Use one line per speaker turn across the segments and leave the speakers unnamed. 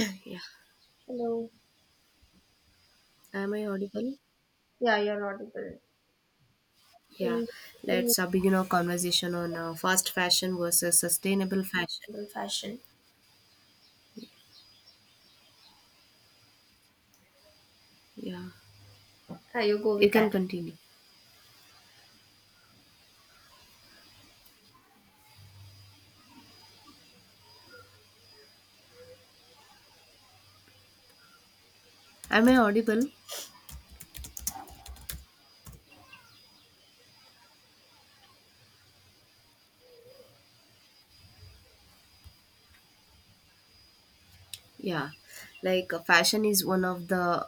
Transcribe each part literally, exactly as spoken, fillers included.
Yeah.
Hello.
Am I audible?
Yeah, you're audible.
Yeah.
In sustainable
Let's uh, begin our conversation on uh, fast fashion versus sustainable fashion.
fashion.
Yeah.
Ah, you go
You
with
can
that.
continue. Am I audible? Yeah, like uh, fashion is one of the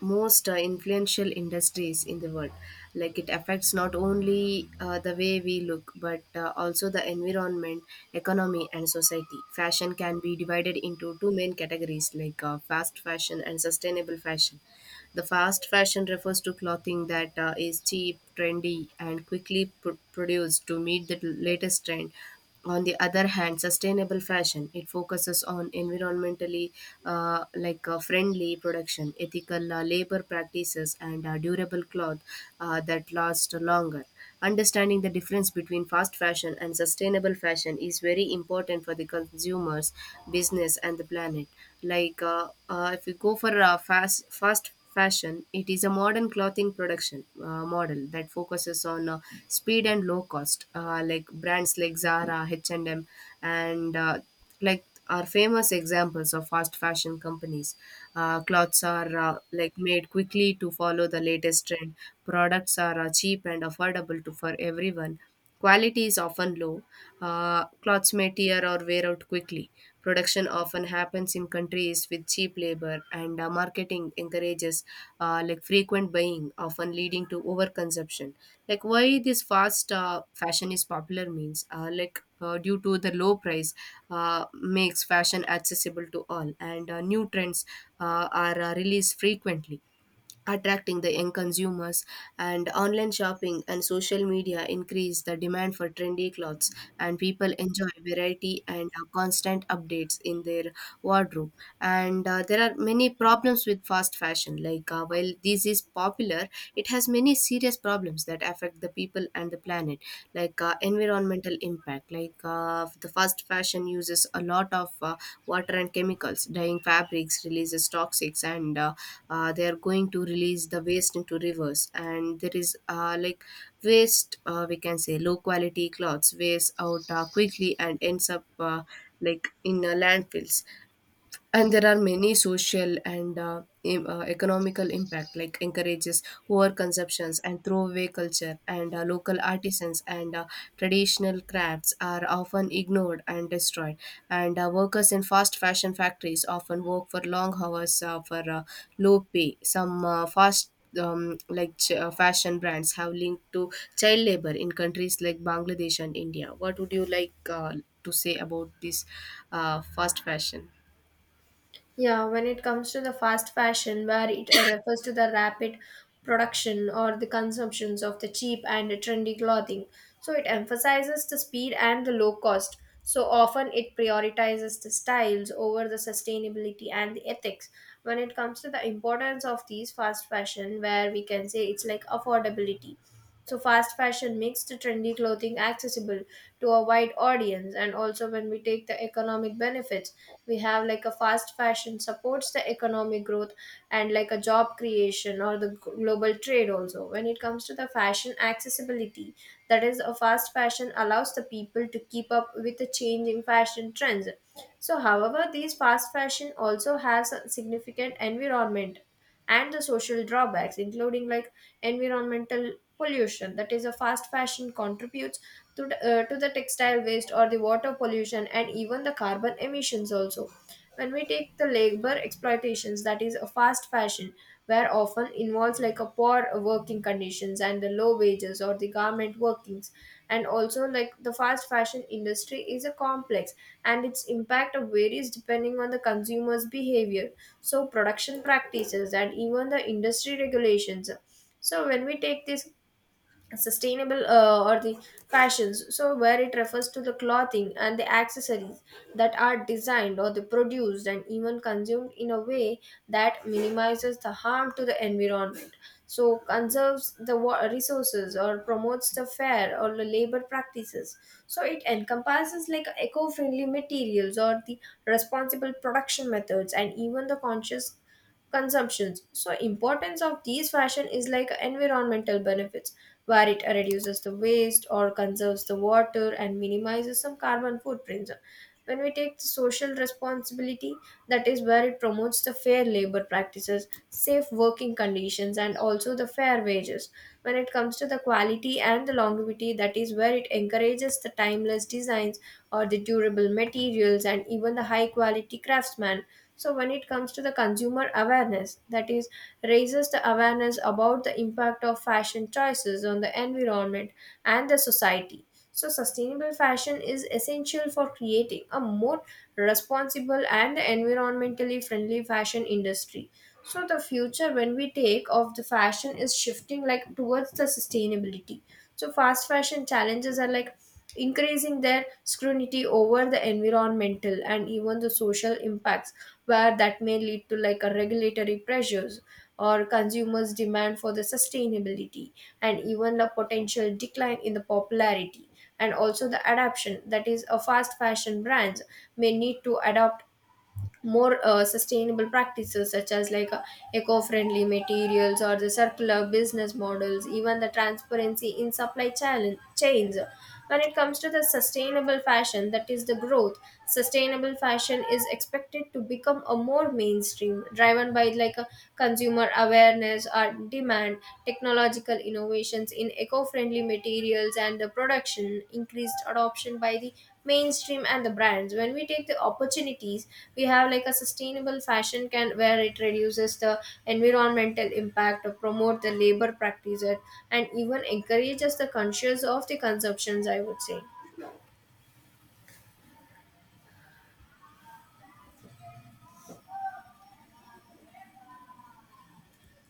most uh, influential industries in the world. Like it affects not only uh, the way we look, but uh, also the environment, economy, and society. Fashion can be divided into two main categories, like uh, fast fashion and sustainable fashion. The fast fashion refers to clothing that uh, is cheap, trendy, and quickly pr- produced to meet the latest trend. On the other hand, sustainable fashion, it focuses on environmentally uh, like uh, friendly production, ethical uh, labor practices, and uh, durable cloth uh, that last longer. Understanding the difference between fast fashion and sustainable fashion is very important for the consumers, business, and the planet. Like uh, uh, if we go for uh, fast fast fashion, it is a modern clothing production uh, model that focuses on uh, speed and low cost. Uh, like brands like Zara, H and M, and M, and uh, like are famous examples of fast fashion companies. Uh, clothes are uh, like made quickly to follow the latest trend. Products are uh, cheap and affordable to for everyone. Quality is often low. Uh, clothes may tear or wear out quickly. Production often happens in countries with cheap labor, and uh, marketing encourages uh, like frequent buying, often leading to overconsumption. Like why this fast uh, fashion is popular means, uh, like uh, due to the low price, uh, makes fashion accessible to all, and uh, new trends uh, are uh, released frequently, attracting the young consumers. And online shopping and social media increase the demand for trendy clothes, and people enjoy variety and uh, constant updates in their wardrobe. And uh, there are many problems with fast fashion. Like uh, while this is popular, it has many serious problems that affect the people and the planet, like like uh, environmental impact. Like uh, the fast fashion uses a lot of uh, water and chemicals, dyeing fabrics releases toxics, and uh, uh, they are going to release the waste into rivers. And there is uh, like waste. Uh, we can say low quality clothes waste out uh, quickly and ends up uh, like in uh, landfills. And there are many social and uh, em- uh, economical impact, like encourages over consumptions and throwaway culture. And uh, local artisans and uh, traditional crafts are often ignored and destroyed. And uh, workers in fast fashion factories often work for long hours uh, for uh, low pay. Some uh, fast um, like ch- uh, fashion brands have linked to child labor in countries like bangladesh and india. What would you like uh, to say about this uh, fast fashion?
Yeah, when it comes to the fast fashion, where it uh, refers to the rapid production or the consumptions of the cheap and trendy clothing. So it emphasizes the speed and the low cost. So often it prioritizes the styles over the sustainability and the ethics. When it comes to the importance of these fast fashion, where we can say it's like affordability. So fast fashion makes the trendy clothing accessible to a wide audience, and also when we take the economic benefits, we have like a fast fashion supports the economic growth and like a job creation or the g- global trade. Also when it comes to the fashion accessibility, that is a fast fashion allows the people to keep up with the changing fashion trends. So however, these fast fashion also has a significant environment and the social drawbacks, including like environmental pollution. That is a fast fashion contributes to the, uh, to the textile waste or the water pollution and even the carbon emissions. Also when we take the labor exploitations, that is a fast fashion where often involves like a poor working conditions and the low wages or the garment workings. And also like the fast fashion industry is a complex, and its impact varies depending on the consumer's behavior, so production practices and even the industry regulations. So when we take this sustainable uh, or the fashions, so where it refers to the clothing and the accessories that are designed or the produced and even consumed in a way that minimizes the harm to the environment, so conserves the wa- resources or promotes the fair or the labor practices. So it encompasses like eco-friendly materials or the responsible production methods and even the conscious consumptions. So importance of these fashion is like environmental benefits, where it reduces the waste or conserves the water and minimizes some carbon footprints. When we take the social responsibility, that is where it promotes the fair labor practices, safe working conditions, and also the fair wages. When it comes to the quality and the longevity, that is where it encourages the timeless designs or the durable materials and even the high quality craftsmen. So when it comes to the consumer awareness, that is raises the awareness about the impact of fashion choices on the environment and the society. So, sustainable fashion is essential for creating a more responsible and environmentally friendly fashion industry. So, the future when we take of the fashion is shifting like towards the sustainability. So, fast fashion challenges are like increasing their scrutiny over the environmental and even the social impacts, where that may lead to like a regulatory pressures or consumers' demand for the sustainability, and even the potential decline in the popularity. And also the adaptation, that is a fast fashion brands may need to adapt more uh, sustainable practices such as like uh, eco-friendly materials or the circular business models, even the transparency in supply chain chains. When it comes to the sustainable fashion, that is the growth. Sustainable fashion is expected to become a more mainstream, driven by like a consumer awareness or demand, technological innovations in eco-friendly materials and the production, increased adoption by the mainstream and the brands. When we take the opportunities, we have like a sustainable fashion can where it reduces the environmental impact or promote the labor practices and even encourages the conscious of the consumptions, I would say.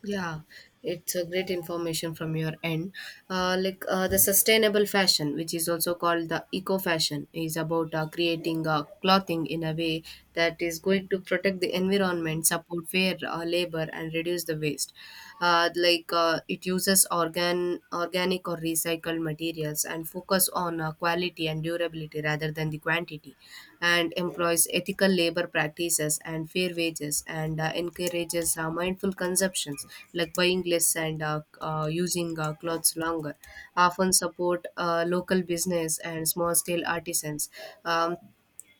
Yeah, it's a great information from your end. Uh, like uh, the sustainable fashion, which is also called the eco fashion, is about uh, creating uh, clothing in a way that is going to protect the environment, support fair uh, labor, and reduce the waste. Uh, like uh, it uses organ, organic or recycled recycled materials, and focus on uh, quality and durability rather than the quantity, and employs ethical labor practices and fair wages, and uh, encourages uh, mindful consumptions like buying less, and uh, uh, using uh, clothes longer. Often support uh, local business and small scale artisans. Um,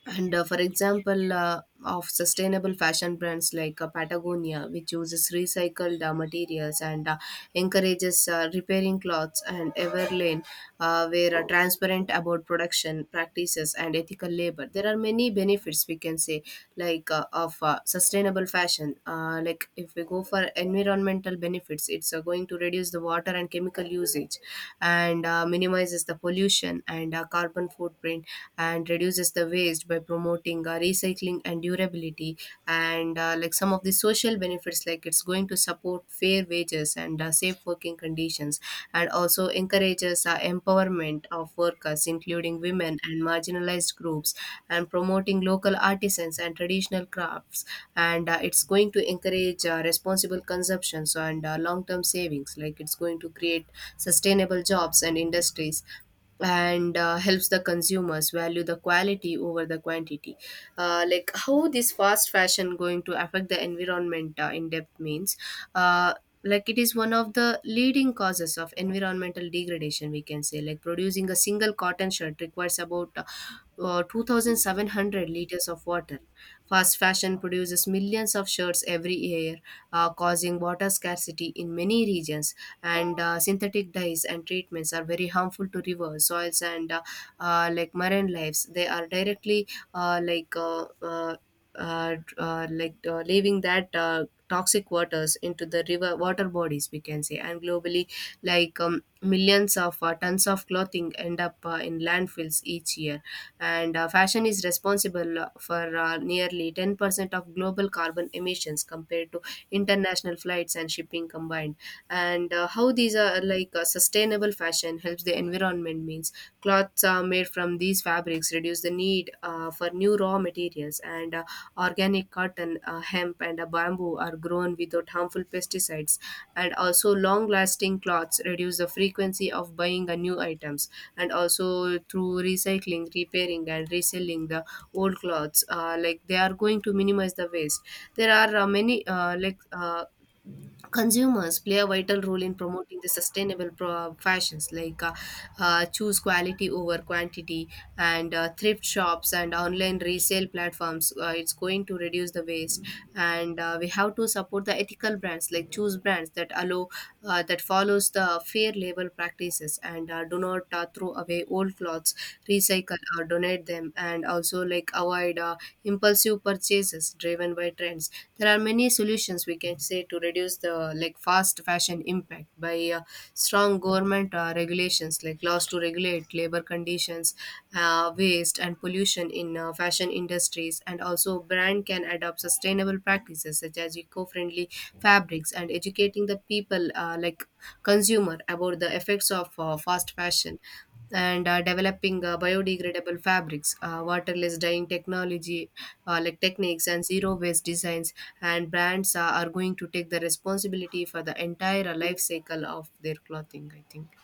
and uh, For example, uh, of sustainable fashion brands like uh, Patagonia, which uses recycled uh, materials and uh, encourages uh, repairing clothes, and Everlane, uh, where are transparent about production practices and ethical labor. There are many benefits we can say, like uh, of uh, sustainable fashion. Uh, like if we go for environmental benefits, it's uh, going to reduce the water and chemical usage, and uh, minimizes the pollution and uh, carbon footprint, and reduces the waste by promoting uh, recycling and durability. And uh, like some of the social benefits, like it's going to support fair wages and uh, safe working conditions, and also encourages uh, empowerment of workers including women and marginalized groups, and promoting local artisans and traditional crafts. And uh, it's going to encourage uh, responsible consumption. So, and uh, long-term savings, like it's going to create sustainable jobs and industries, and uh, helps the consumers value the quality over the quantity. Uh, like how this fast fashion going to affect the environment uh, in depth means, uh, like it is one of the leading causes of environmental degradation, we can say. Like producing a single cotton shirt requires about uh, uh, two thousand seven hundred liters of water. Fast fashion produces millions of shirts every year, uh, causing water scarcity in many regions. And uh, synthetic dyes and treatments are very harmful to river soils and uh, uh, like marine lives. They are directly uh, like uh, uh, uh, uh, like uh, leaving that uh, toxic waters into the river water bodies, we can say. And globally, like um, millions of uh, tons of clothing end up uh, in landfills each year. And uh, fashion is responsible uh, for uh, nearly ten percent of global carbon emissions compared to international flights and shipping combined. And uh, how these are like uh, sustainable fashion helps the environment means, cloths are made from these fabrics reduce the need uh, for new raw materials. And uh, organic cotton, uh, hemp, and uh, bamboo are grown without harmful pesticides. And also long lasting cloths reduce the frequency of buying a new items. And also through recycling, repairing, and reselling the old clothes, uh, like they are going to minimize the waste. There are uh, many uh, like uh, consumers play a vital role in promoting the sustainable pro- fashions. Like uh, uh, choose quality over quantity. And uh, thrift shops and online resale platforms, uh, it's going to reduce the waste. And uh, we have to support the ethical brands, like choose brands that allow uh, that follows the fair label practices. And uh, do not uh, throw away old clothes clothes, recycle or donate them. And also, like, avoid uh, impulsive purchases driven by trends. There are many solutions we can say to reduce the like fast fashion impact by uh, strong government uh, regulations, like laws to regulate labor conditions, uh, waste and pollution in uh, fashion industries. And also brand can adopt sustainable practices such as eco-friendly fabrics, and educating the people uh, like consumer about the effects of uh, fast fashion. And uh, developing uh, biodegradable fabrics, uh, waterless dyeing technology, uh, like techniques, and zero waste designs. And brands uh, are going to take the responsibility for the entire uh, life cycle of their clothing, I think.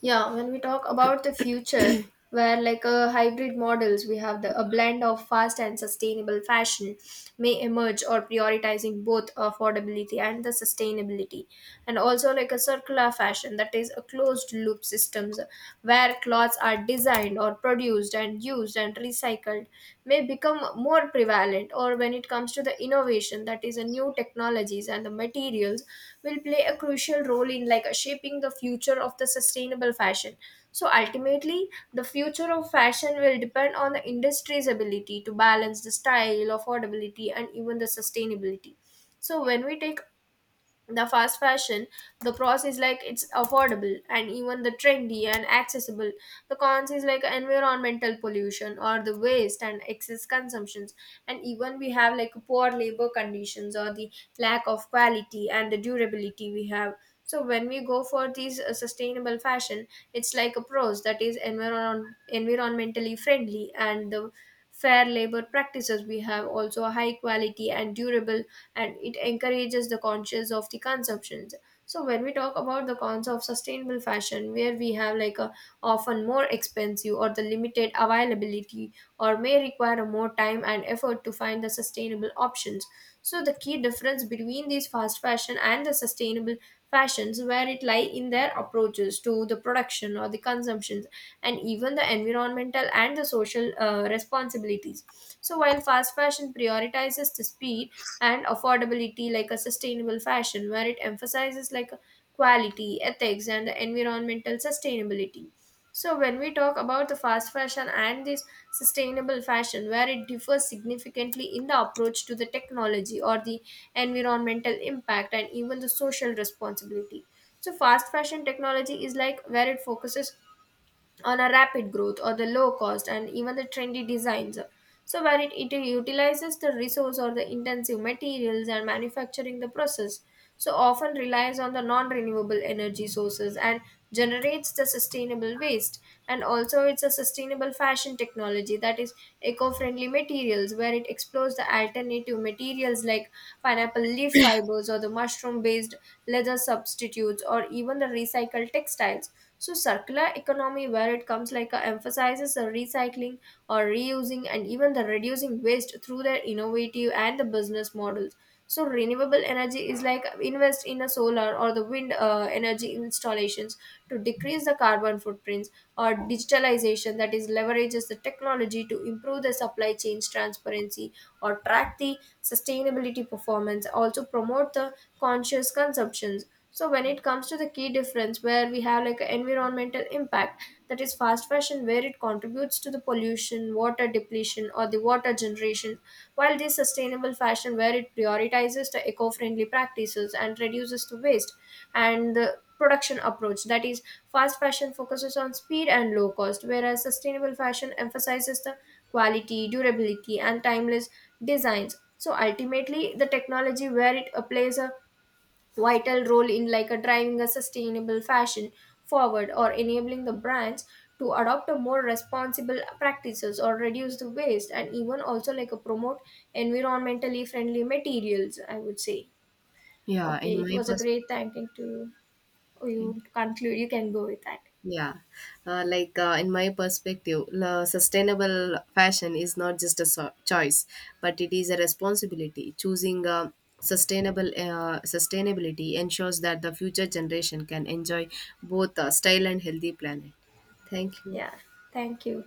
Yeah, when we talk about the future, where like a hybrid models, we have the a blend of fast and sustainable fashion may emerge, or prioritizing both affordability and the sustainability. And also like a circular fashion, that is a closed loop systems where clothes are designed or produced and used and recycled recycled may become more prevalent. Or when it comes to the innovation, that is the new technologies and the materials will play a crucial role in like uh, shaping the future of the sustainable fashion. So ultimately, the future of fashion will depend on the industry's ability to balance the style, affordability, and even the sustainability. So when we take the fast fashion, the pros is like it's affordable and even the trendy and accessible. The cons is like environmental pollution or the waste and excess consumptions, and even we have like poor labor conditions or the lack of quality and the durability we have. So when we go for these uh, sustainable fashion, it's like a pros, that is environ- environmentally friendly and the fair labor practices we have, also a high quality and durable, and it encourages the conscious of the consumptions. So when we talk about the cons of sustainable fashion, where we have like a often more expensive or the limited availability, or may require more time and effort to find the sustainable options. So the key difference between these fast fashion and the sustainable fashions, where it lie in their approaches to the production or the consumptions and even the environmental and the social uh, responsibilities. So while fast fashion prioritizes the speed and affordability, like a sustainable fashion, where it emphasizes like quality, ethics, and the environmental sustainability. So when we talk about the fast fashion and this sustainable fashion, where it differs significantly in the approach to the technology or the environmental impact and even the social responsibility. So fast fashion technology is like where it focuses on a rapid growth or the low cost and even the trendy designs. So where it, it utilizes the resource or the intensive materials and manufacturing the process, so often relies on the non-renewable energy sources and generates the sustainable waste. And also it's a sustainable fashion technology, that is eco-friendly materials where it explores the alternative materials like pineapple leaf fibers or the mushroom-based leather substitutes or even the recycled textiles. So circular economy, where it comes like uh, emphasizes the recycling or reusing and even the reducing waste through their innovative and the business models. So renewable energy is like invest in a solar or the wind uh, energy installations to decrease the carbon footprints. Or digitalization, that is leverages the technology to improve the supply chains transparency or track the sustainability performance, also promote the conscious consumption. So when it comes to the key difference, where we have like an environmental impact, that is fast fashion where it contributes to the pollution, water depletion or the water generation, while this sustainable fashion where it prioritizes the eco-friendly practices and reduces the waste. And the production approach, that is fast fashion focuses on speed and low cost, whereas sustainable fashion emphasizes the quality, durability, and timeless designs. So ultimately the technology where it plays a vital role in like a driving a sustainable fashion forward or enabling the brands to adopt a more responsible practices or reduce the waste and even also like a promote environmentally friendly materials, I would say.
Yeah,
Okay,
in
it
my
was a
perspective.
great thanking to you.
Thank you.
Conclude, you can go with that.
Yeah, uh, like uh, in my perspective, la- sustainable fashion is not just a so- choice, but it is a responsibility. Choosing uh, sustainable uh, sustainability ensures that the future generation can enjoy both uh, style and healthy planet. Thank you.
Yeah, thank you.